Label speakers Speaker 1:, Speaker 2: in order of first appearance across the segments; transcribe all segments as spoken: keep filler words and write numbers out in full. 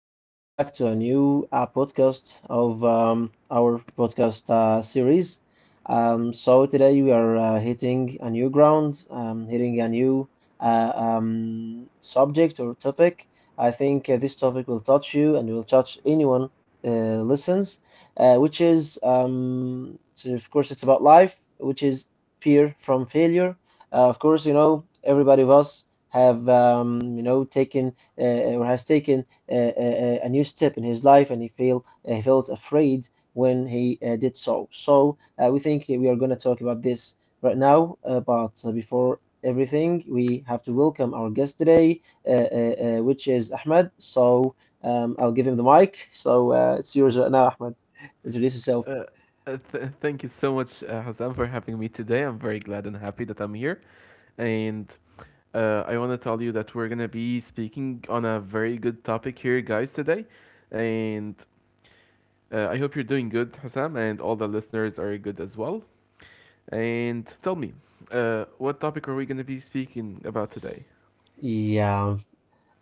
Speaker 1: and welcome back to a new uh, podcast of um, our podcast uh, series. Um, so today we are uh, hitting a new ground, um, hitting a new uh, um, subject or topic. I think uh, this topic will touch you and will touch anyone uh, listens, uh, which is, um, so of course, it's about life, which is fear from failure. Uh, of course, you know everybody of us have um, you know taken uh, uh, or has taken uh, a, a new step in his life, and he feel uh, he felt afraid when he uh, did so. So uh, we think we are going to talk about this right now. Uh, but uh, before everything, we have to welcome our guest today, uh, uh, uh, which is Ahmed. So um, I'll give him the mic. So uh, it's yours right now, Ahmed. Introduce yourself.
Speaker 2: Uh, uh, th- Thank you so much, uh, Hassan, for having me today. I'm very glad and happy that I'm here. And uh, I want to tell you that we're going to be speaking on a very good topic here, guys, today. And uh, I hope you're doing good, Hassan, and all the listeners are good as well. And tell me, uh, what topic are we going to be speaking about today?
Speaker 1: Yeah.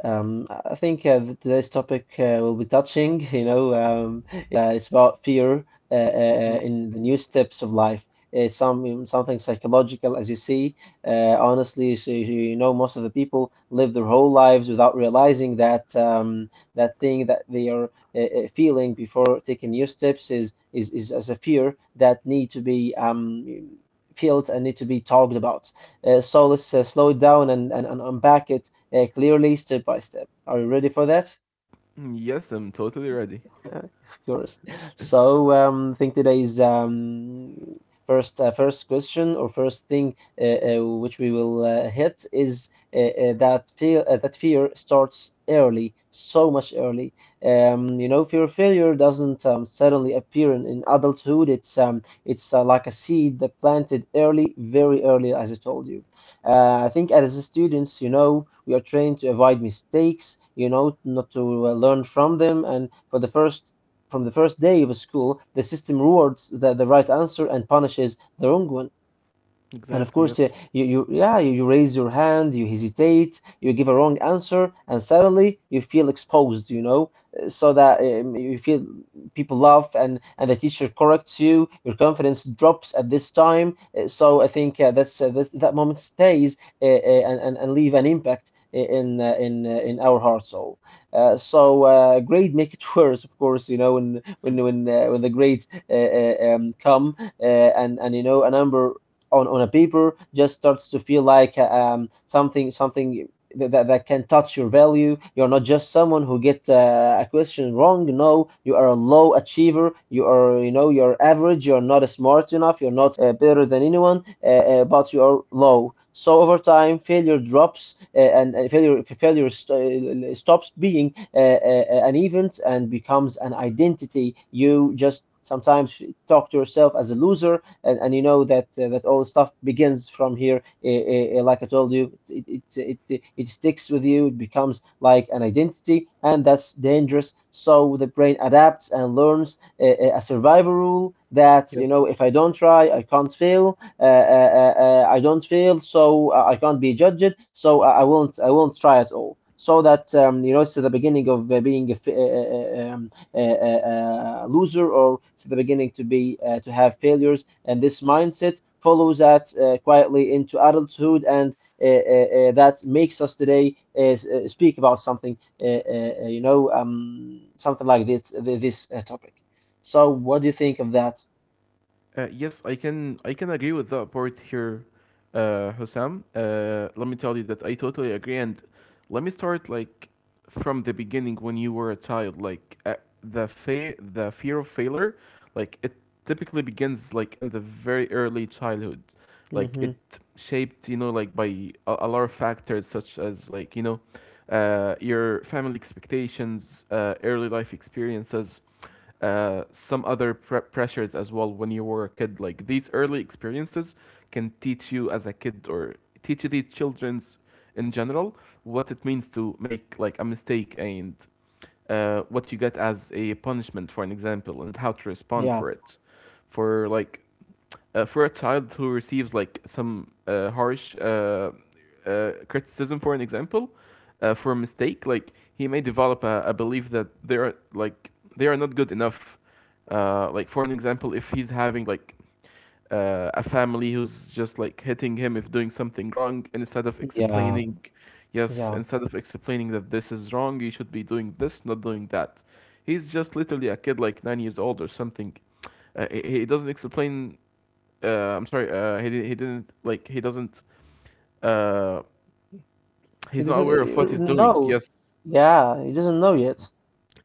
Speaker 1: Um, I think uh, th- today's topic uh, will be touching. You know, um, uh, it's about fear uh, uh, uh,
Speaker 2: Mhm.
Speaker 1: in the new steps of life. It's some something psychological, as you see. Uh, honestly, so you you know, most of the people live their whole lives without realizing that um, that thing that they are uh, uh, feeling before taking new steps is is is as a fear that need to be um, felt and need to be talked about. Uh, so let's uh, slow it down and and, and unpack it uh, clearly step by step. Are you ready for that?
Speaker 2: Mm, yes, I'm totally ready.
Speaker 1: Of course. So um, I think today's um, first uh, first question or first thing uh, uh, which we will uh, hit is uh, uh, that fear uh, that fear starts early, so much early. Um, you know, fear of failure doesn't um, suddenly appear in, in adulthood. It's um, it's uh, like a seed that planted early, very early, as I told you. Uh, I think as students, you know, we are trained to avoid mistakes, you know, not to uh, learn from them. And for the first from the first day of school, the system rewards the, the right answer and punishes the wrong one. And of
Speaker 2: Exactly,
Speaker 1: course, uh,
Speaker 2: yes.
Speaker 1: you, you yeah, you, you raise your hand, you hesitate, you give a wrong answer, and suddenly you feel exposed, you know, uh, so that um, you feel people laugh and, and the teacher corrects you, your confidence drops at this time. Uh, so I think uh, that's, uh, that, that moment stays uh, uh, and, and, and leave an impact i- in, uh, in, uh, in our hearts all. Uh, so uh, grade make it worse, of course, you know, when, when,
Speaker 2: Mm.
Speaker 1: when, uh, when the grades uh, uh, um, come uh, and and you know a number on on a paper just starts to feel like uh, um something something that, that, that can touch your value. You're not just someone who gets uh, a question wrong. No, you are a low achiever. You are, you know you're average, you're not smart enough, you're not uh, better than anyone, uh, uh, but you are low. So over time failure drops, uh, and, and failure failure st- uh, stops being uh, uh, uh, an event and becomes an identity. You just sometimes talk to yourself as a loser, and, and you know that uh, that all stuff begins from here. Uh, uh, like I told you, it it, it it it sticks with you. It becomes like an identity, and that's dangerous. So the brain adapts and learns a, a survival rule that, you
Speaker 2: Yes.
Speaker 1: know if I don't try, I can't fail. Uh, uh, uh, uh, I don't fail, so uh, I can't be judged. So I, won't I won't try at all. So that, um, you know, it's the beginning of uh, being a, uh, uh, um, a uh, uh, loser, or since the beginning to be uh, to have failures. And this mindset follows that uh, quietly into adulthood, and uh, uh, uh, that makes us today uh, uh, speak about something, uh, uh, uh, you know um, something like this this uh, topic. So what do you think of that?
Speaker 2: Uh, yes, I can I can agree with that part here, uh, Hussam. Uh, let me tell you that I totally agree, and let me start like from the beginning when you were a child. Like uh, the fa- the fear of failure, like it typically begins like in the very early childhood. Like it
Speaker 1: Hmm.
Speaker 2: shaped, you know, like by a, a lot of factors such as, like, you know, uh, your family expectations, uh, early life experiences, uh, some other pre- pressures as well when you were a kid. Like these early experiences can teach you as a kid or teach the children's in general what it means to make like a mistake and uh, what you get as a punishment for an example and how to respond
Speaker 1: Yeah.
Speaker 2: for it. For like uh, for a child who receives like some uh, harsh uh, uh, criticism for an example, uh, for a mistake, like he may develop a, a belief that they are, like, they are not good enough. Uh, like, for an example, if he's having like uh, a family who's just like hitting him if doing something wrong, and instead of
Speaker 1: Yeah.
Speaker 2: explaining, yes,
Speaker 1: Yeah,
Speaker 2: instead of explaining that this is wrong, you should be doing this, not doing that. He's just literally a kid, like nine years old or something. Uh, he he doesn't explain. uh, I'm sorry. Uh, he did He didn't like. He doesn't. Uh,
Speaker 1: he
Speaker 2: he's not
Speaker 1: doesn't, uh,
Speaker 2: aware of what he's
Speaker 1: uh,
Speaker 2: doing.
Speaker 1: no.
Speaker 2: Yes,
Speaker 1: Yeah, he doesn't know yet.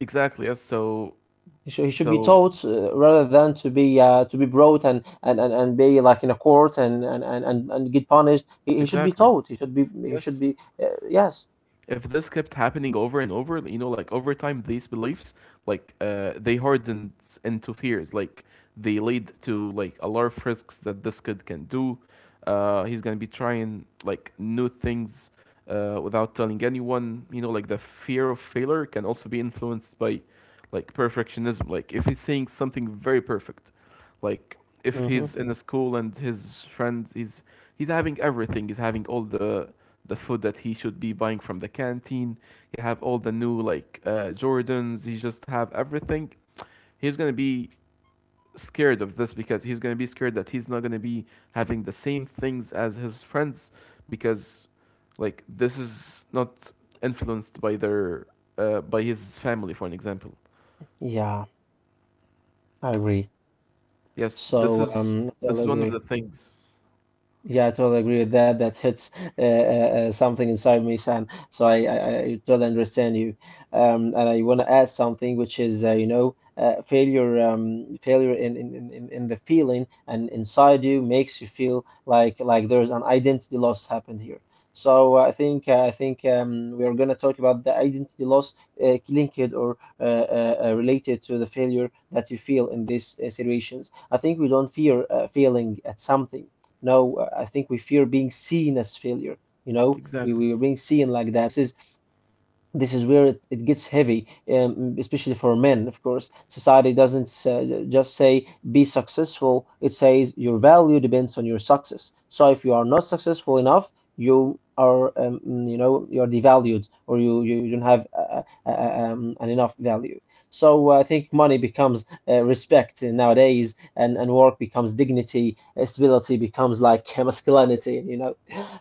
Speaker 2: exactly. Yes. So
Speaker 1: He should, he should be
Speaker 2: so
Speaker 1: taught, uh, rather than to be uh, to be brought and, and, and, and be like in a court and and, and, and and get punished. He, he should be
Speaker 2: exactly.
Speaker 1: taught. He should be he should
Speaker 2: Yes.
Speaker 1: be, uh, yes.
Speaker 2: If this kept happening over and over, you know, like over time, these beliefs, like, uh, they hardened into fears. Like, they lead to like a lot of risks that this kid can do. Uh, he's gonna be trying, like, new things uh, without telling anyone. You know, like, the fear of failure can also be influenced by, like, perfectionism. Like, if he's seeing something very perfect, like, if
Speaker 1: Hmm.
Speaker 2: he's in a school and his friend, he's, he's having everything, he's having all the the food that he should be buying from the canteen. You have all the new like uh, Jordans. He just have everything. He's gonna be scared of this because he's gonna be scared that he's not gonna be having the same things as his friends because like this is not influenced by their uh, by his family for an example.
Speaker 1: Yeah, I agree.
Speaker 2: Yes, this
Speaker 1: So
Speaker 2: is
Speaker 1: um, I
Speaker 2: this is
Speaker 1: totally
Speaker 2: one of
Speaker 1: agree.
Speaker 2: the things.
Speaker 1: Yeah, I totally agree with that. That hits uh, uh, uh, something inside me, Sam. So I, I, I I totally understand you. Um, and I want to add something, which is, uh, you know, uh, failure, um, failure in, in, in, in in the feeling and inside you makes you feel like like there's an identity loss happened here. So uh, I think uh, I think, um, we are going to talk about the identity loss uh, linked or uh, uh, uh, related to the failure that you feel in these uh, situations. I think we don't fear uh, failing at something. No, uh, I think we fear being seen as failure. You know, we we
Speaker 2: Exactly.
Speaker 1: are being seen like that. This is this is where it, it gets heavy, um, especially for men, of course. Society doesn't uh, just say be successful, it says your value depends on your success. So if you are not successful enough, you are, um, you know, you're devalued, or you, you you don't have uh, uh, uh, um, an enough value. So uh, I think money becomes uh, respect nowadays, and, and work becomes dignity, uh, stability becomes like masculinity, you know.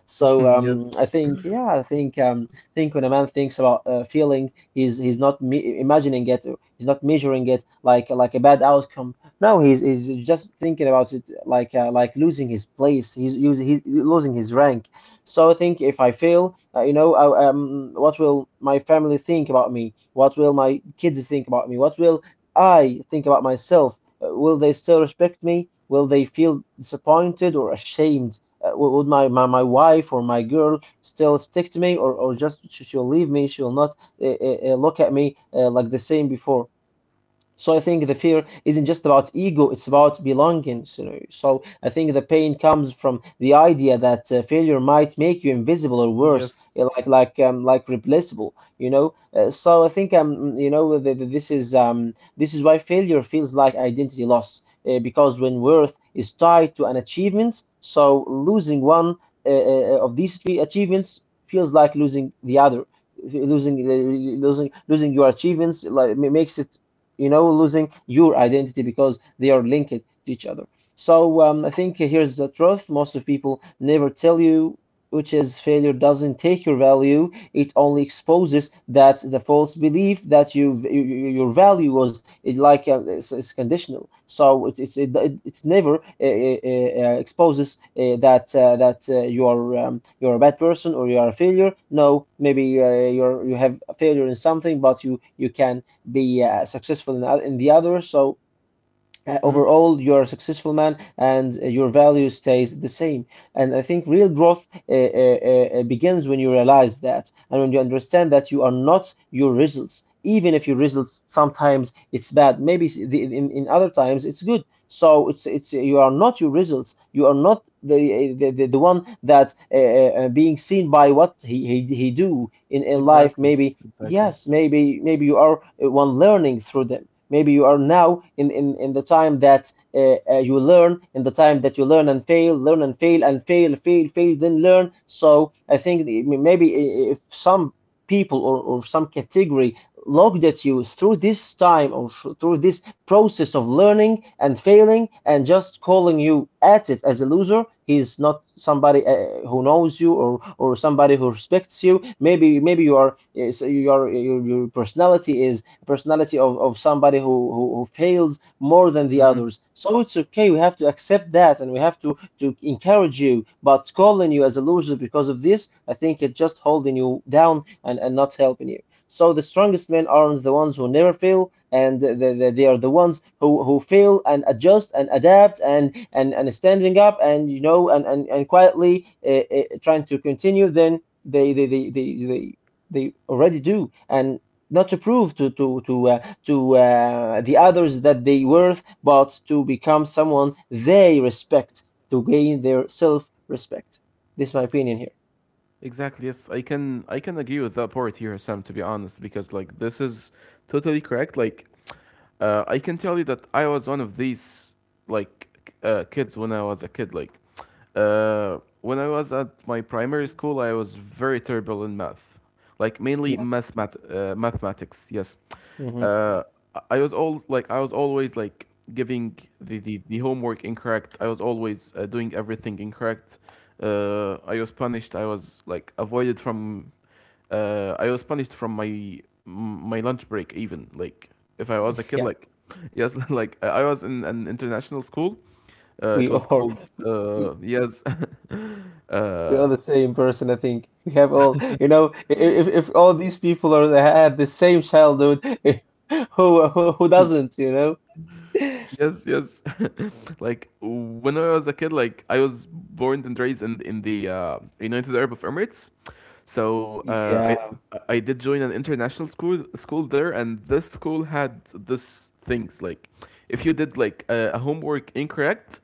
Speaker 1: So um,
Speaker 2: Yes.
Speaker 1: I think, yeah, I think. Um, think when a man thinks about uh, feeling, he's he's not me- imagining it, he's not measuring it like like a bad outcome. No, he's he's just thinking about it like uh, like losing his place. He's using he's losing his rank. So I think if I fail, uh, you know, I, um, what will my family think about me? What will my kids think about me? What will I think about myself? Uh, will they still respect me? Will they feel disappointed or ashamed? Uh, w- would my, my, my wife or my girl still stick to me, or, or just she'll leave me? She'll not uh, uh, look at me uh, like the same before. So I think the fear isn't just about ego, it's about belonging. So, so I think the pain comes from the idea that uh, failure might make you invisible or worse,
Speaker 2: Yes.
Speaker 1: you know, like like um, like replaceable, you know. Uh, so I think, um you know, the, the, this is um this is why failure feels like identity loss, uh, because when worth is tied to an achievement, so losing one uh, uh, of these three achievements feels like losing the other. Losing eh, losing Losing your achievements, like ma- makes it, you know, losing your identity because they are linked to each other. So um, I think here's the truth. Most of people never tell you, which is failure doesn't take your value. It only exposes that the false belief that you, you your value was is like, uh, it's, it's conditional. So it, it's it, it it's never uh, uh, uh, uh, exposes uh, that uh, that uh, you are, um, you are a bad person or you are a failure. No, maybe, uh, you're you have a failure in something, but you you can be uh, successful in, in the other. So uh,
Speaker 2: Hmm?
Speaker 1: overall you're a successful man, and uh, your value stays the same. And I think real growth uh, uh, uh, uh, begins when you realize that, and when you understand that you are not your results. Even if your results sometimes it's bad, maybe s- the- in, in other times it's good. So it's it's you are not your results. You are not the uh, the, the, the one that uh, uh, uh, being seen by what he, he he do in in life.
Speaker 2: Exactly.
Speaker 1: Maybe
Speaker 2: Exactly.
Speaker 1: yes, maybe maybe you are uh, one learning through them. Maybe you are now in in, in the time that uh, uh, you learn. In the time that you learn and fail, learn and fail, and fail, fail, fail, then learn. So I think maybe if some people, or, or some category, looked at you through this time, or through this process of learning and failing, and just calling you at it as a loser, he's not somebody uh, who knows you, or or somebody who respects you. Maybe maybe you are is- you are, your, your personality is personality of, of somebody who, who, who fails more than the others. So it's okay. We have to accept that and we have to, to encourage you. But calling you as a loser because of this, I think it's just holding you down and, and not helping you. So the strongest men aren't the ones who never fail, and the, the, they are the ones who, who fail and adjust and adapt and, and, and standing up and, you know, and, and, and quietly uh, uh, trying to continue. Then they, they, they, they, they, they already do. And not to prove to to to uh, to uh, the others that they worth, but to become someone they respect, to gain their self-respect. This is my opinion here.
Speaker 2: Exactly. Yes, I can. I can agree with that part here, Sam. To be honest, because like this is totally correct. Like, uh, I can tell you that I was one of these like k- uh, kids when I was a kid. Like, uh, when I was at my primary school, I was very terrible in math, like mainly
Speaker 1: Yeah,
Speaker 2: math, math uh, mathematics. Yes,
Speaker 1: hmm,
Speaker 2: uh, I was all like I was always like giving the, the, the homework incorrect. I was always uh, doing everything incorrect. Uh, I was punished. I was like avoided from. Uh, I was punished from my m- my lunch break, even like if I was a kid,
Speaker 1: yeah,
Speaker 2: like yes like I I was in an international school. Uh, it
Speaker 1: we
Speaker 2: was
Speaker 1: are
Speaker 2: called uh, yes.
Speaker 1: we
Speaker 2: uh,
Speaker 1: are the same person. I think we have all you know. If if all these people are had the same childhood, who who who
Speaker 2: hmm.
Speaker 1: doesn't? You know?
Speaker 2: Yes, yes. Like when I was a kid, like I was born and raised in, in the uh, United Arab Emirates, so uh, i
Speaker 1: Yeah,
Speaker 2: i did join an international school school there, and this school had this things like if you did like a, a homework incorrect,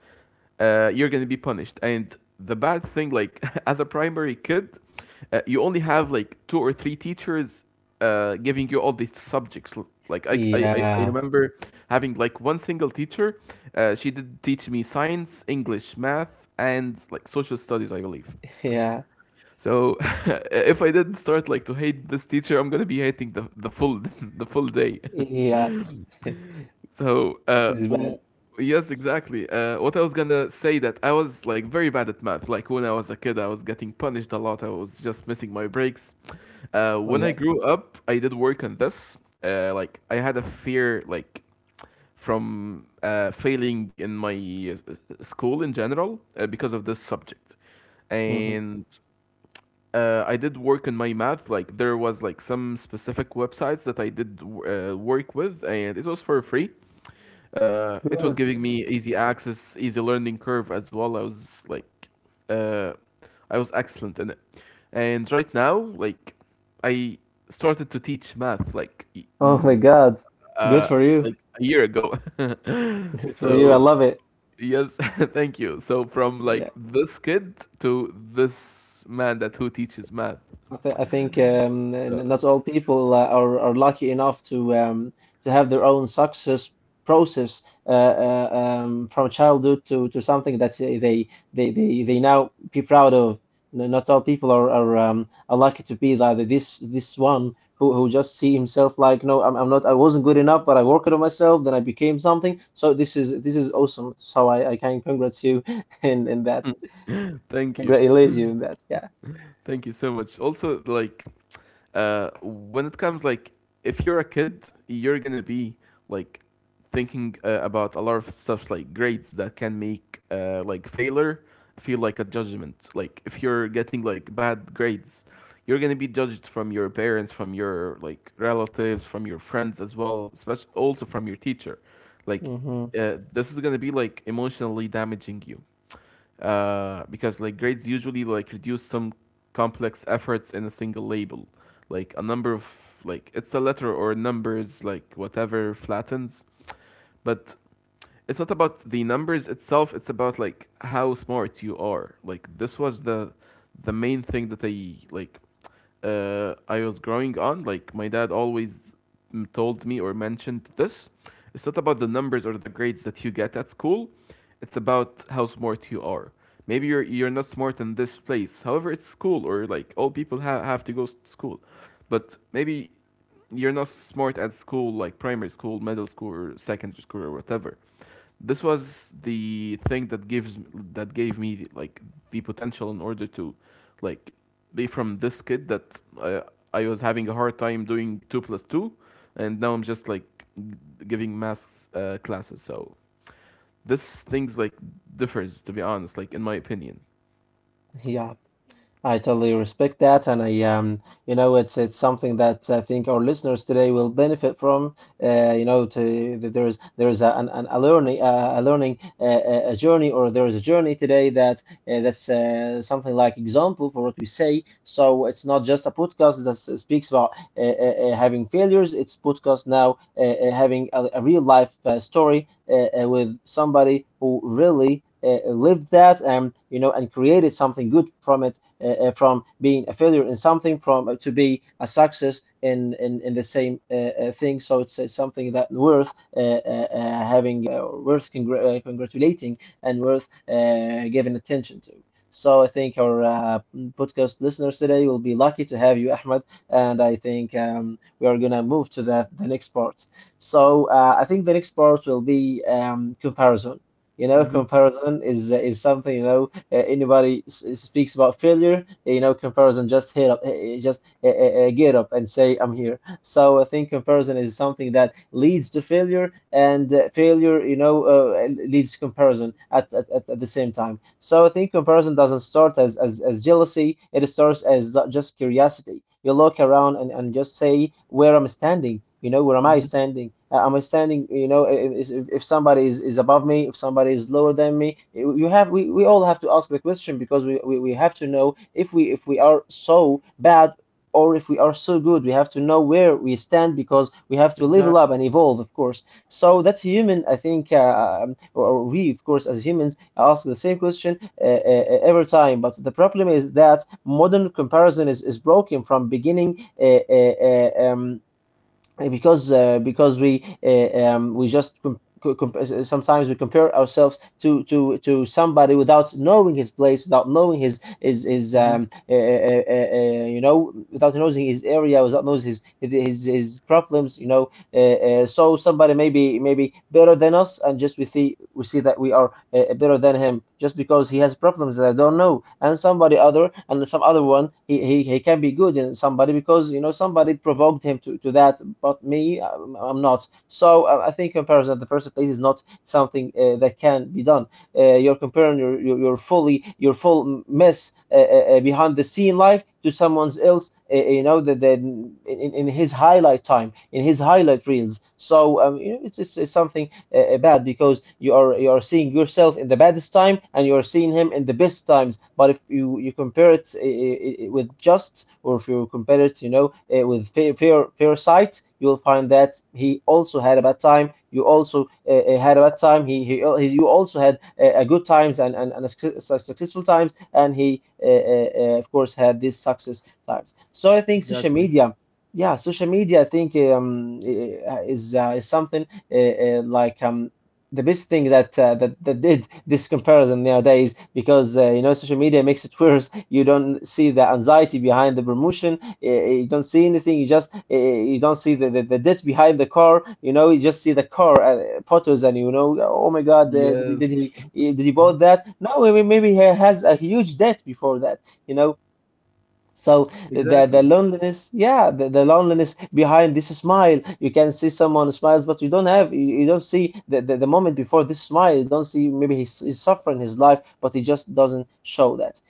Speaker 2: uh, you're gonna be punished. And the bad thing, like as a primary kid, uh, you only have like two or three teachers uh, giving you all these subjects. L- Like I, I, I I
Speaker 1: yeah,
Speaker 2: remember having like one single teacher. Uh, she did teach me science, English, math, and like social studies, I believe.
Speaker 1: yeah,
Speaker 2: So if I didn't start like to hate this teacher, I'm gonna be hating the the full the full day.
Speaker 1: yeah.
Speaker 2: So,
Speaker 1: This
Speaker 2: uh,
Speaker 1: is
Speaker 2: w-
Speaker 1: bad.
Speaker 2: yes, exactly. Uh, what I was gonna say, that I was like very bad at math. Like when I was a kid, I was getting punished a lot. I was just missing my breaks. Uh,
Speaker 1: Oh my
Speaker 2: when I
Speaker 1: God.
Speaker 2: grew up, I did work on this. Uh, like I had a fear, like from uh, failing in my uh, s- s- school in general uh, because of this subject,
Speaker 1: Hmm.
Speaker 2: and uh, I did work on my math. Like there was like some specific websites that I did uh, work with, and it was for free. Uh, it was
Speaker 1: Good.
Speaker 2: giving me easy access, easy learning curve as well. I was like, uh, I was excellent in it. And right now, like, I started to teach math like y-
Speaker 1: Oh my
Speaker 2: mm,
Speaker 1: God. Good
Speaker 2: uh,
Speaker 1: for you.
Speaker 2: like a year ago.
Speaker 1: Good for you. I
Speaker 2: So
Speaker 1: love it.
Speaker 2: yes, thank you. So from
Speaker 1: Yeah,
Speaker 2: like this kid to this man that who teaches math.
Speaker 1: I, th I think um, n-
Speaker 2: So,
Speaker 1: not all people uh, are are lucky enough to um, to have their own success process uh, uh, um, from childhood to, to something that they they they they they now be proud of. N- Not all people are are, um, are lucky to be like this this one who, who just see himself like no I'm, I'm not I wasn't good enough but I worked on myself then I became something. So this is this is awesome, so I, I can congrats you in in that
Speaker 2: mm, thank you.
Speaker 1: congratulate you in that, yeah.
Speaker 2: Thank you so much. Also, like, uh, when it comes, like, if you're a kid, you're gonna be, like, thinking uh, about a lot of stuff, like grades that can make, uh, like, failure feel like a judgment. Like, if you're getting, like, bad grades, you're gonna be judged from your parents, from your, like, relatives, from your friends as well, especially also from your teacher. Like,
Speaker 1: Hmm,
Speaker 2: uh, this is gonna be, like, emotionally damaging you. Uh, because like grades usually like reduce some complex efforts in a single label, like a number of, like, it's a letter or numbers, like whatever flattens. But it's not about the numbers itself, it's about like how smart you are. Like this was the the main thing that they like, uh, I was growing on. Like my dad always m- told me or mentioned this. It's not about the numbers or the grades that you get at school. It's about how smart you are. Maybe you're you're not smart in this place. However, it's school, or like all people ha- have to go s- to school, but maybe you're not smart at school, like primary school, middle school, or secondary school, or whatever. This was the thing that gives that gave me like the potential in order to, like, be from this kid that I, I was having a hard time doing two plus two, and now I'm just like giving maths uh, classes. So this things like differs, to be honest, like in my opinion.
Speaker 1: yeah, I totally respect that, and I um, you know, it's it's something that I think our listeners today will benefit from. Uh, you know, to that there is there is a an, an, a learning uh, a learning uh, a a journey, or there is a journey today that uh, that's uh, something like example for what we say. So it's not just a podcast that s- speaks about uh, uh, uh, having failures. It's podcast now uh, uh, having a, a real life uh, story uh, uh, with somebody who really uh, lived that and you know and created something good from it uh, uh, from being a failure in something from uh, to be a success in in, in the same uh, uh, thing. So it's uh, something that worth uh, uh, uh, having, uh, worth congr- uh, congratulating, and worth uh, giving attention to. So I think our uh, podcast listeners today will be lucky to have you, Ahmed, and I think um, we are gonna move to the the next part. So uh, I think the next part will be um, comparison. You know,
Speaker 2: Mm-hmm.
Speaker 1: comparison is is something, you know, uh, anybody s speaks about failure, you know, comparison, just hit up, uh, uh, just uh, uh, uh, get up and say, I'm here. So I think comparison is something that leads to failure, and uh, failure, you know, uh, leads to comparison at, at, at, at the same time. So I think comparison doesn't start as, as, as jealousy, it starts as just curiosity. You look around and, and just say, where am I standing? You know, where am I
Speaker 2: Mm-hmm.
Speaker 1: standing? Uh, am I standing, you know, if, if, if somebody is, is above me, if somebody is lower than me, you you have, we, we all have to ask the question because we, we, we have to know if we, if we are so bad or if we are so good. We have to know where we stand because we have to level up and
Speaker 2: Exactly.
Speaker 1: evolve, of course. So that's human, I think, uh, um, or, or we, of course, as humans, ask the same question uh, uh, every time. But the problem is that modern comparison is, is broken from beginning. Uh, uh, uh, um, uh, because uh, because we uh, um, we just com co- uh, sometimes we compare ourselves to to to somebody without knowing his place, without knowing his his his
Speaker 2: Mm-hmm.
Speaker 1: um uh, uh, uh, uh, you know, without knowing his area, without knowing his his, his problems, you know, uh, uh, so somebody maybe maybe better than us, and just we see we see that we are uh, uh, better than him just because he has problems that I don't know, and somebody other and some other one he he, he can be good in somebody because you know somebody provoked him to, to that, but me, I'm, I'm not. So I I think comparison at the first place is not something uh, that can be done. Uh, you're comparing your, your your fully your full mess uh, uh, uh, behind the scene life to someone's else uh, uh, you know that that in, in in his highlight time, in his highlight reels. So um, you know, it's, it's, it's something uh, uh, bad because you are you are seeing yourself in the baddest time and you are seeing him in the best times. But if you you compare it, uh, uh, uh, with just, or if you compare it, you know, uh, with fair fair, fair sight, you'll find that he also had a bad time. You also uh, uh, had a bad time. He, he, uh, he, you also had a uh, good times and and, and a suc- successful times, and he uh, uh, uh, of course had these success times. So I think social
Speaker 2: Exactly.
Speaker 1: media. Yeah, social media, I think um, is uh, is something uh, uh, like um, the best thing that uh, that that did this comparison nowadays, because uh, you know social media makes it worse. You don't see the anxiety behind the promotion. Uh, uh, you don't see anything. You just uh, uh, you don't see the, the the debt behind the car. You know you just see the car uh, photos and you know, oh my God, uh, did, did he
Speaker 2: Yes.
Speaker 1: did he bought that? No, maybe maybe he has a huge debt before that. You know, so the the
Speaker 2: Exactly.
Speaker 1: loneliness, yeah, the, the loneliness behind this smile. You can see someone smiles, but you don't have you, you don't see the, the, the moment before this smile. You don't see, maybe he's, he's suffering his life, but he just doesn't show that.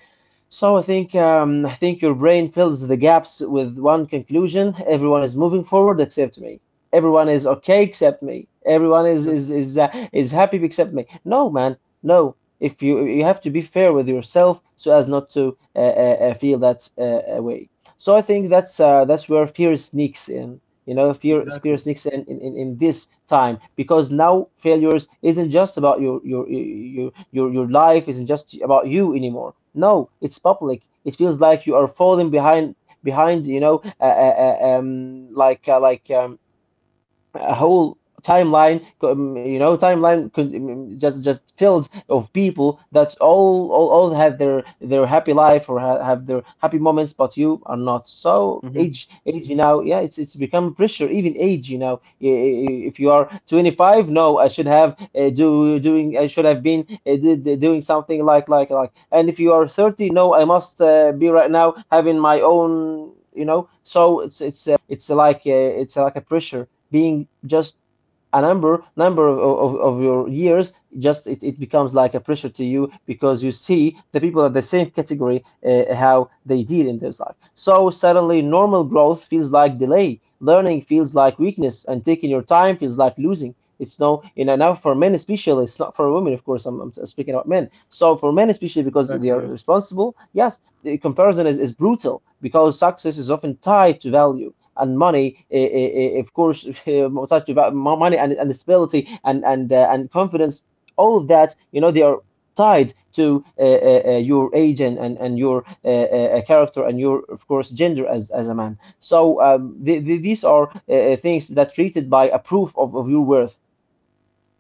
Speaker 1: So I think um, I think your brain fills the gaps with one conclusion. Everyone is moving forward except me. Everyone is okay except me. Everyone is
Speaker 2: Yes.
Speaker 1: is is uh, is happy except me. No, man, no. If you you have to be fair with yourself so as not to uh, uh, uh, feel that uh, uh, way. So I think that's uh, that's where fear sneaks in. You know, fear fear
Speaker 2: Exactly.
Speaker 1: sticks in, in in in this time, because now failures isn't just about your your your your your life isn't just about you anymore. No, it's public. It feels like you are falling behind behind, you know, uh, uh, uh, um like uh, like um, a whole timeline, um, you know, timeline could um, um, just just fields of people that all all, all have their their happy life or ha have their happy moments but you are not. So
Speaker 2: Mm-hmm.
Speaker 1: age age now, yeah, it's it's become pressure, even age, you know. I- i- if you are twenty-five, no, I should have uh, do doing I should have been uh, d d- doing something, like like like, and if you are thirty, no, I must uh, be right now having my own, you know. So it's it's uh, it's like uh, it's like a pressure, being just a number number of, of, of your years. Just it, it becomes like a pressure to you because you see the people at the same category uh, how they did in their life. So suddenly normal growth feels like delay, learning feels like weakness, and taking your time feels like losing. It's no, you know, now for men especially, it's not for women of course, i'm, I'm speaking about men. So for men especially, because
Speaker 2: Exactly.
Speaker 1: they are
Speaker 2: Yes.
Speaker 1: responsible, yes, the comparison is, is brutal because success is often tied to value and money, eh, eh, eh, of course, eh, attached to va- mo- money and, and stability and and uh, and confidence, all of that, you know, they are tied to uh, uh, uh, your age and and, and your uh, uh, uh, character and your, of course, gender as as a man. So um, the, the, these are uh, uh, things that treated by a proof of, of your worth.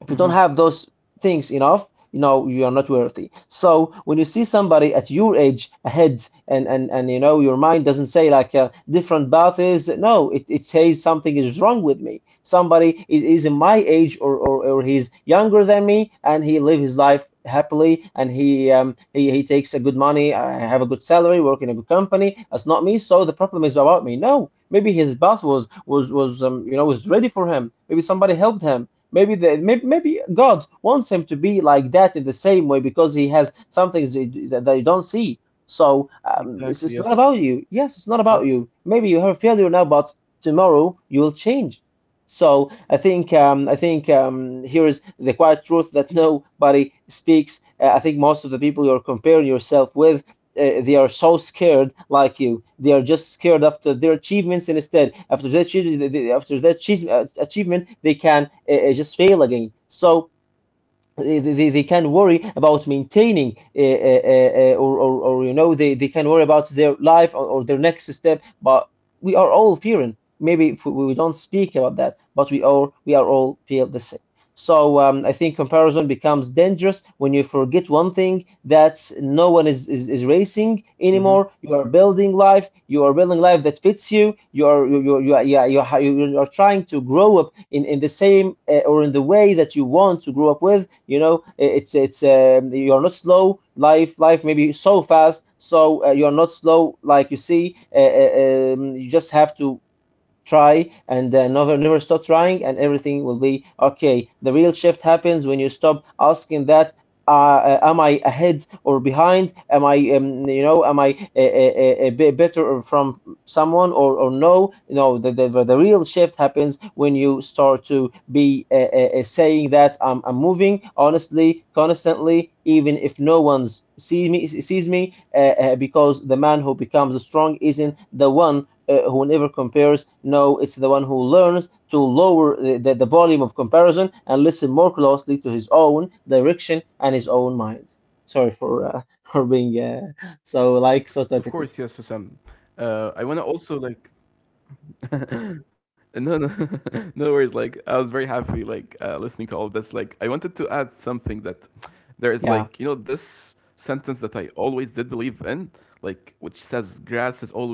Speaker 1: If you don't have those things enough, you know, you are not worthy. So when you see somebody at your age ahead, and and and you know your mind doesn't say like a different path is, no, it, it says something is wrong with me. Somebody is, is in my age, or, or or he's younger than me, and he live his life happily, and he um he, he takes a good money. I have a good salary, work in a good company, that's not me. So the problem is about me. No, maybe his path was was was um, you know, was ready for him. Maybe somebody helped him. Maybe the maybe, maybe God wants him to be like that in the same way because he has some things that that you don't see. So um,
Speaker 2: Exactly.
Speaker 1: it's, it's
Speaker 2: Yes.
Speaker 1: not about you. Yes, it's not about
Speaker 2: That's
Speaker 1: you. Maybe you have a failure now, but tomorrow you will change. So I think um, I think um, here is the quiet truth that nobody speaks. Uh, I think most of the people you're comparing yourself with, uh, they are so scared like you. They are just scared after their achievements, and instead after that after that uh, achievement they can uh, uh, just fail again. So they, they, they can worry about maintaining, uh, uh, uh, uh, or, or, or you know, they, they can worry about their life, or, or their next step. But we are all fearing. Maybe if we we don't speak about that, but we are we are all feel the same. So um, I think comparison becomes dangerous when you forget one thing, that no one is, is, is racing
Speaker 2: hmm.
Speaker 1: anymore. You are building life. You are building life that fits you. You are you you you are, yeah, you are, You are trying to grow up in, in the same uh, or in the way that you want to grow up with. You know, it's it's um, you are not slow. Life life maybe so fast. So uh, you are not slow like you see. Uh, uh, um, you just have to try and uh, never never stop trying, and everything will be okay. The real shift happens when you stop asking that, uh, uh, am I ahead or behind? Am I, um, you know, am I a, a, a bit better from someone, or, or no? No, the, the, the real shift happens when you start to be uh, uh, uh, saying that I'm, I'm moving honestly, constantly, even if no one's see me sees me, uh, uh, because the man who becomes strong isn't the one uh, who never compares. No, it's the one who learns to lower the, the, the volume of comparison and listen more closely to his own direction and his own mind. Sorry for uh,
Speaker 2: Of course,
Speaker 1: for
Speaker 2: yes,
Speaker 1: being
Speaker 2: Sam.
Speaker 1: uh, so
Speaker 2: Uh, I want to
Speaker 1: like so
Speaker 2: also
Speaker 1: talkative.
Speaker 2: like no, no, no worries. Like I was very happy, like uh, listening to all of this. Like I wanted to add something that there is, like, you know, this
Speaker 1: Yeah,
Speaker 2: sentence that I always did believe in, like which says grass is always greener,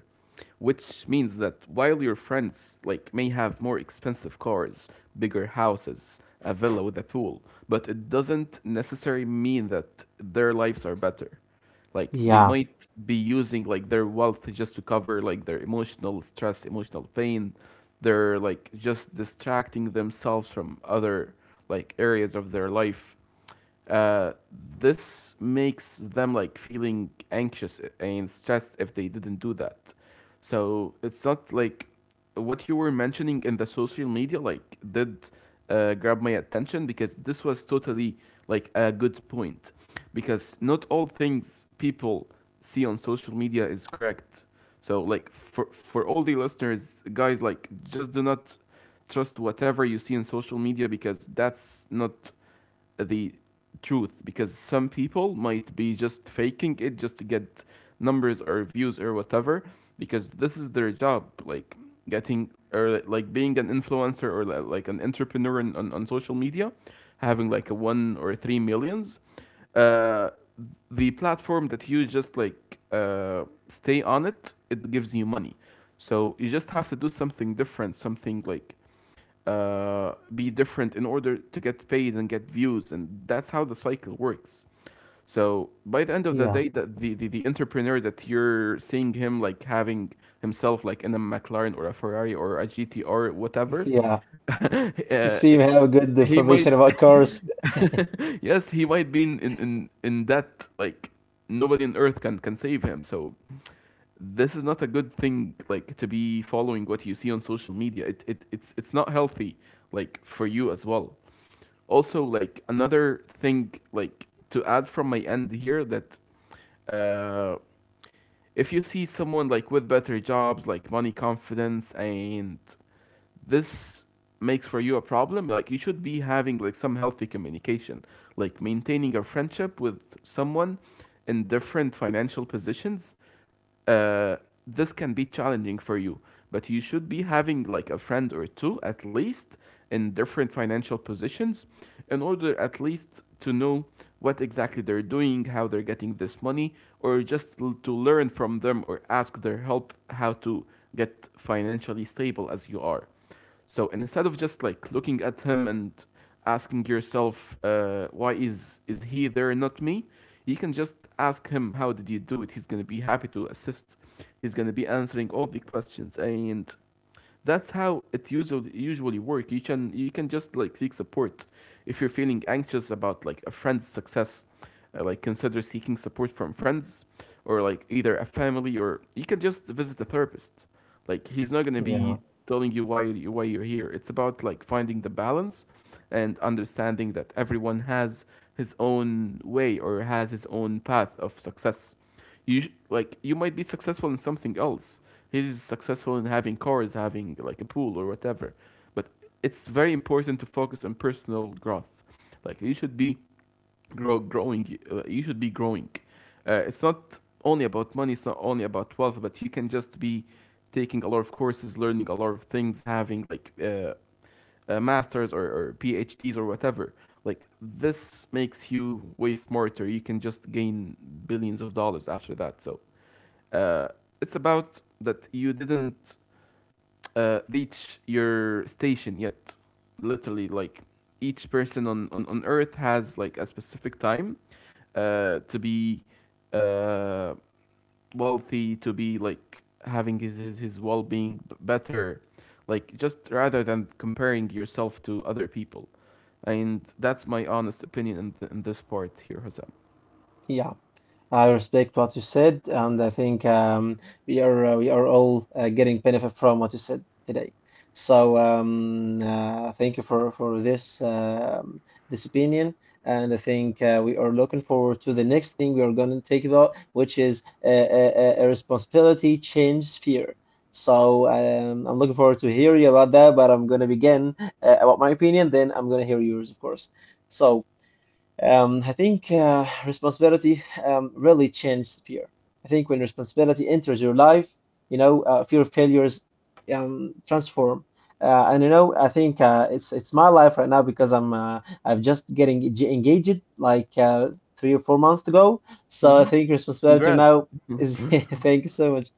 Speaker 2: which means that while your friends like may have more expensive cars, bigger houses, a villa with a pool, but it doesn't necessarily mean that their lives are better. Like they
Speaker 1: yeah,
Speaker 2: might be using like their wealth just to cover like their emotional stress, emotional pain. They're like just distracting themselves from other like areas of their life. Uh, this makes them like feeling anxious and stressed if they didn't do that. So it's not like what you were mentioning in the social media like did uh, grab my attention, because this was totally like a good point, because not all things people see on social media is correct. So like for for all the listeners, guys, like just do not trust whatever you see in social media, because that's not the truth, because some people might be just faking it just to get numbers or views or whatever, because this is their job, like getting or like being an influencer or like an entrepreneur in, on, on social media, having like a one or three millions uh the platform that you just like uh stay on it, it gives you money. So you just have to do something different, something like uh, be different in order to get paid and get views, and that's how the cycle works. So by the end of the
Speaker 1: yeah,
Speaker 2: day, the the, the, the entrepreneur that you're seeing him like having himself like in a McLaren or a Ferrari or a G T R whatever,
Speaker 1: yeah. You
Speaker 2: uh,
Speaker 1: seem to have a good
Speaker 2: he
Speaker 1: information
Speaker 2: might
Speaker 1: about cars.
Speaker 2: yes he might be in, in in in that like nobody on earth can can save him. So this is not a good thing like to be following what you see on social media. It, it it's it's not healthy like for you as well. Also like another thing like to add from my end here that uh if you see someone like with better jobs like money, confidence, and this makes for you a problem. Like you should be having like some healthy communication, like maintaining a friendship with someone in different financial positions. uh, this can be challenging for you. But you should be having like a friend or two at least in different financial positions in order at least to know what exactly they're doing, how they're getting this money, or just l- to learn from them or ask their help how to get financially stable as you are. So instead of just like looking at him and asking yourself, uh, why is is he there, not me? You can just ask him, how did you do it? He's gonna be happy to assist. He's gonna be answering all the questions, and that's how it usually usually work. You can you can just like seek support if you're feeling anxious about like a friend's success. Uh, like consider seeking support from friends or like either a family, or you can just visit a therapist. Like he's not gonna be
Speaker 1: Yeah,
Speaker 2: telling you why you why you're here. It's about like finding the balance and understanding that everyone has his own way or has his own path of success. You Like you might be successful in something else. He's successful in having cars, having like a pool or whatever. But it's very important to focus on personal growth. Like you should be grow growing. Uh, you should be growing. Uh, it's not only about money. It's not only about wealth. But you can just be taking a lot of courses, learning a lot of things, having like uh, a masters, or, or PhDs or whatever. Like this makes you way smarter. You can just gain billions of dollars after that. So uh, it's about that you didn't uh, reach your station yet. Literally, like each person on, on, on Earth has like a specific time uh, to be uh, wealthy, to be like having his, his, his well being better. Like, just rather than comparing yourself to other people. And that's my honest opinion in, th- in this part here, Hossam.
Speaker 1: yeah. I respect what you said, and I think um, we are uh, we are all uh, getting benefit from what you said today. So um, uh, thank you for for this um this opinion, and I think uh, we are looking forward to the next thing we are going to take about, which is a, a, a a responsibility change sphere. So um, I'm looking forward to hear you about that, but I'm going to begin uh, about my opinion, then I'm going to hear yours, of course. So. Um, I think uh, responsibility um, really changes fear. I think when responsibility enters your life, you know, uh, fear of failures um, transform. Uh, and you know, I think uh, it's it's my life right now because I'm uh, I'm just getting eng- engaged like uh, three or four months ago. So I
Speaker 2: Mm-hmm.
Speaker 1: think responsibility
Speaker 2: Congrats.
Speaker 1: now is thank you so much.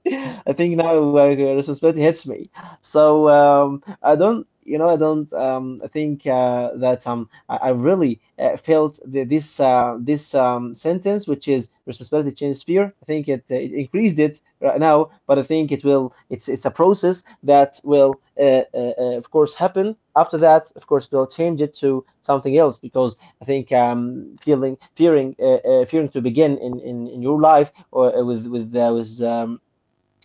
Speaker 1: I think now uh, responsibility hits me. So um, I don't, you know, I don't. Um, I think uh, that am I, I really uh, felt the, this uh, this um, sentence, which is responsibility changes fear. I think it, uh, it increased it right now, but I think it will. It's it's a process that will, uh, uh, uh, of course, happen. After that, of course, we'll change it to something else because I think um, feeling fearing uh, uh, fearing to begin in, in, in your life or uh, with with uh, with um,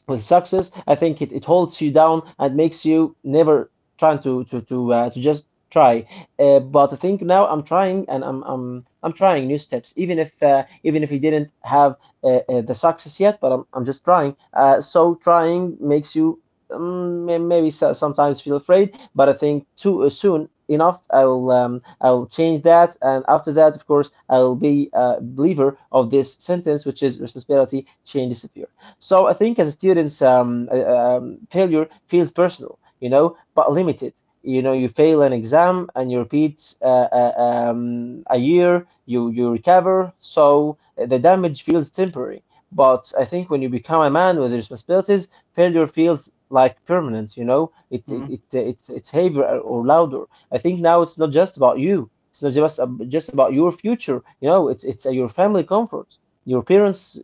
Speaker 1: with success, I think it, it holds you down and makes you never trying to to to uh, to just try. Uh, but I think now I'm trying, and I'm I'm I'm trying new steps, even if uh, even if you didn't have uh, uh, the success yet, but I'm I'm just trying. Uh, so trying makes you um, may- maybe so, sometimes feel afraid, but I think too uh, soon enough I will um, I will change that, and after that, of course, I will be a believer of this sentence, which is responsibility changes appearance. So I think as students, um, uh, um, failure feels personal, you know, but limited. You know, you fail an exam and you repeat uh, uh, um, a year, you, you recover, so uh, the damage feels temporary. But I think when you become a man with responsibilities, failure feels like permanent. You know, it, it,
Speaker 2: Mm-hmm.
Speaker 1: it, uh, it's, it's heavier or louder. I think now it's not just about you. It's not just ab- just about your future. You know, it's it's uh, your family comfort, your parents'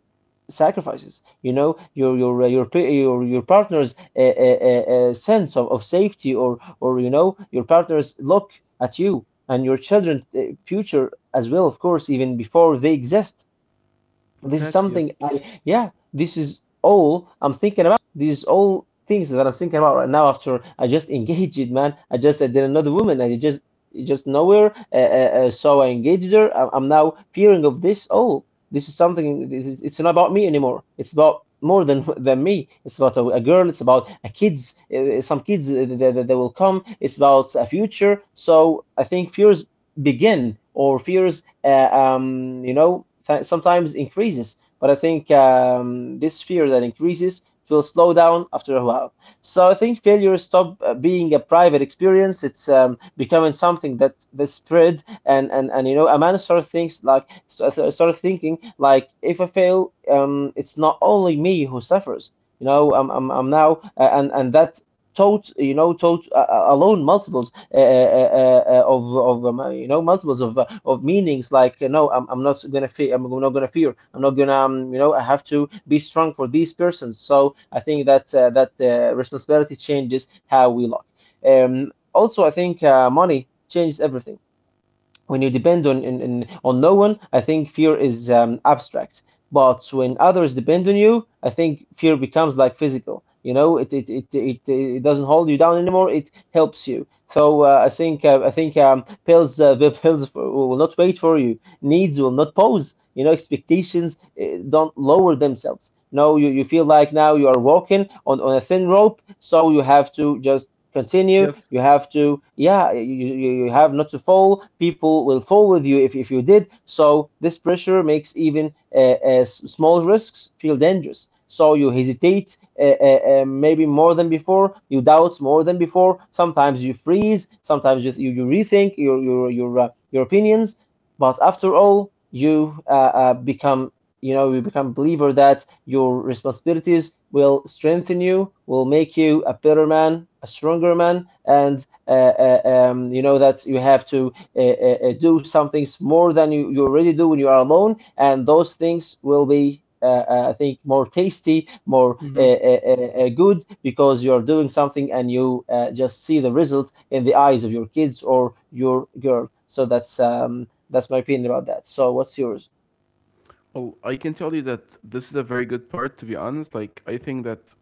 Speaker 1: sacrifices, you know, your your uh, your pa- your your partner's uh, uh, uh, uh, sense of, of safety, or or you know, your partner's look at you, and your children's uh, future as well, of course, even before they exist. This is
Speaker 2: Exactly.
Speaker 1: something
Speaker 2: Yes.
Speaker 1: I, yeah, this is all I'm thinking about. These all things that I'm thinking about right now after I just engaged it, man. I just I did another woman and I just it just nowhere. Uh, uh, uh, so I engaged her. I, I'm now fearing of this all. This is something. This is, it's not about me anymore. It's about more than than me. It's about a, a girl. It's about a kids. Uh, some kids uh, that, that, that will come. It's about a future. So I think fears begin, or fears uh, um, you know, th- sometimes increases. But I think um, this fear that increases will slow down after a while. So I think failure stop uh, being a private experience. It's um, becoming something that that spread, and and and you know, a man sort of thinks like, so- so- sort of thinking like, if I fail, um, it's not only me who suffers. You know, i'm i'm, I'm now uh, and and that tot you know tot uh, uh, alone multiples uh, uh, uh, uh, of of um, uh, you know, multiples of uh, of meanings. Like, you know, I'm, I'm not gonna fear. I'm not gonna fear. I'm not gonna um, You know, I have to be strong for these persons. So I think that uh, that uh, responsibility changes how we look. Um also I think uh, money changes everything. When you depend on on, on on no one, I think fear is um, abstract. But when others depend on you, I think fear becomes like physical. You know, it it it it, it doesn't hold you down anymore. It helps you. So uh, I think uh, I think um, pills, uh, the pills f- will not wait for you. Needs will not pose. You know, expectations uh, don't lower themselves. No, you, you feel like now you are walking on, on a thin rope, so you have to just continue.
Speaker 2: Yes.
Speaker 1: You have to, yeah, you, you have not to fall. People will fall with you if, if you did. So this pressure makes even uh, uh, small risks feel dangerous, so you hesitate, uh, uh, uh, maybe more than before. You doubt more than before. Sometimes you freeze. Sometimes you, you, you rethink your your your, uh, your opinions. But after all, you uh, uh, become, you know, you become a believer that your responsibilities will strengthen you, will make you a better man, a stronger man, and uh, uh, um, you know, that you have to uh, uh, uh, do some things more than you, you already do when you are alone, and those things will be uh, uh, I think more tasty, more uh,
Speaker 2: Mm-hmm.
Speaker 1: uh, uh, uh, good, because you are doing something, and you uh, just see the results in the eyes of your kids or your girl. So that's um, that's my opinion about that. So what's yours?
Speaker 2: Well, I can tell you that this is a very good part, to be honest. Like, I think that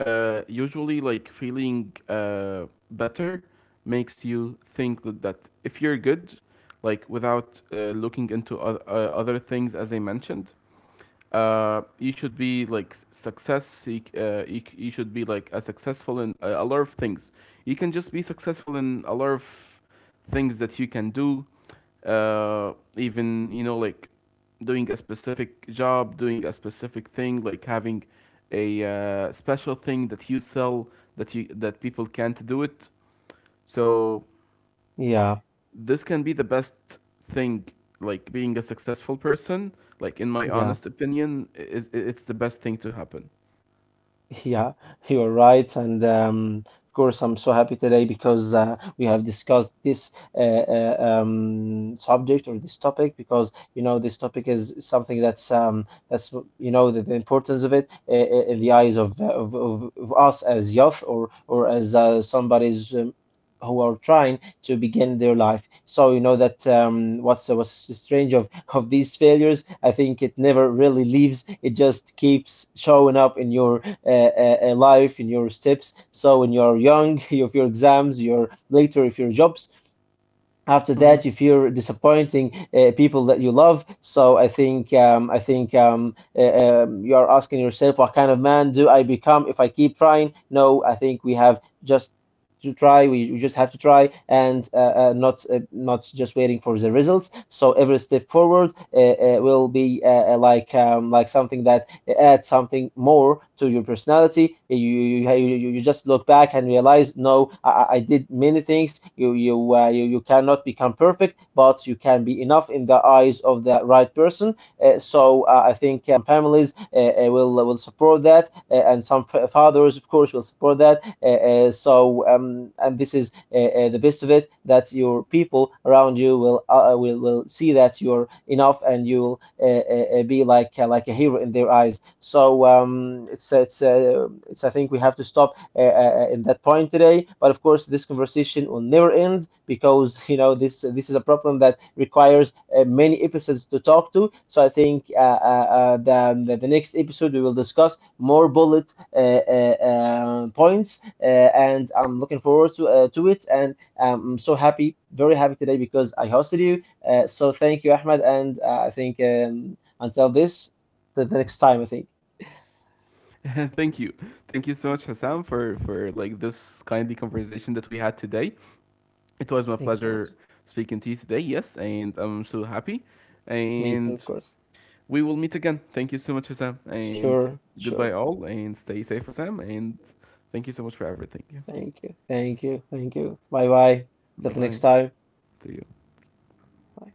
Speaker 2: uh, usually, like, feeling uh, better makes you think that, that if you're good, like, without uh, looking into oth- uh, other things, as I mentioned, uh, you should be like s- success seek, uh, you, c- you should be like a successful in a, a lot of things. You can just be successful in a lot of things that you can do, uh, even you know like doing a specific job, doing a specific thing, like having a uh, special thing that you sell, that you that people can't do it. So
Speaker 1: Yeah,
Speaker 2: this can be the best thing, like being a successful person. Like in my
Speaker 1: yeah.
Speaker 2: honest opinion, is it's the best thing to happen.
Speaker 1: Yeah, you're right. And um, of course, I'm so happy today because uh, we have discussed this uh, uh, um, subject or this topic, because you know this topic is something that's um, that's, you know, the, the importance of it uh, uh, in the eyes of, of, of, of us as youth, or or as uh, somebody's um, who are trying to begin their life. So you know that um, what's uh, what's strange of of these failures, I think it never really leaves. It just keeps showing up in your uh, uh, uh, life, in your steps. So when you're young, if your exams, your later if your jobs, after
Speaker 2: Hmm.
Speaker 1: that you feel disappointing uh, people that you love. So I think um, i think um, uh, um, you are asking yourself, what kind of man do I become if I keep trying? No, I think we have just to try. We, we just have to try, and uh, uh, not uh, not just waiting for the results. So every step forward uh, uh, will be uh, uh, like um, like something that add something more to your personality. You you, you, you just look back and realize, no, I, I did many things. You you, uh, you you cannot become perfect, but you can be enough in the eyes of the right person. Uh, so uh, I think um, families uh, uh, will uh, will support that, uh, and some fathers, of course, will support that. Uh, uh, so um, and this is uh, uh, the best of it, that your people around you will uh, will will see that you're enough, and you will uh, uh, be like uh, like a hero in their eyes. So um, it's it's uh, it's, I think we have to stop uh, uh, in that point today. But of course, this conversation will never end, because you know, this this is a problem that requires uh, many episodes to talk to. So I think uh, uh, uh, the, the the next episode we will discuss more bullet uh, uh, uh, points, uh, and I'm looking forward to uh, to it. And um, I'm so happy, very happy today because I hosted you, uh, so thank you, Ahmed, and uh, I think um, until this, till the next time, I think.
Speaker 2: Thank you, thank you so much, Hassan, for for like this kindly conversation that we had today. It was my
Speaker 1: Thank you so much.
Speaker 2: pleasure speaking to you today. Yes, and I'm so happy,
Speaker 1: Me too, of
Speaker 2: and
Speaker 1: course.
Speaker 2: we will meet again. Thank you so much, Hassan, and
Speaker 1: Sure, sure.
Speaker 2: goodbye all, and stay safe, Hassan, and thank you so much for everything.
Speaker 1: Thank you, thank you, thank you. Bye bye. Till
Speaker 2: Bye
Speaker 1: the next
Speaker 2: bye
Speaker 1: time.
Speaker 2: to you.
Speaker 1: Bye.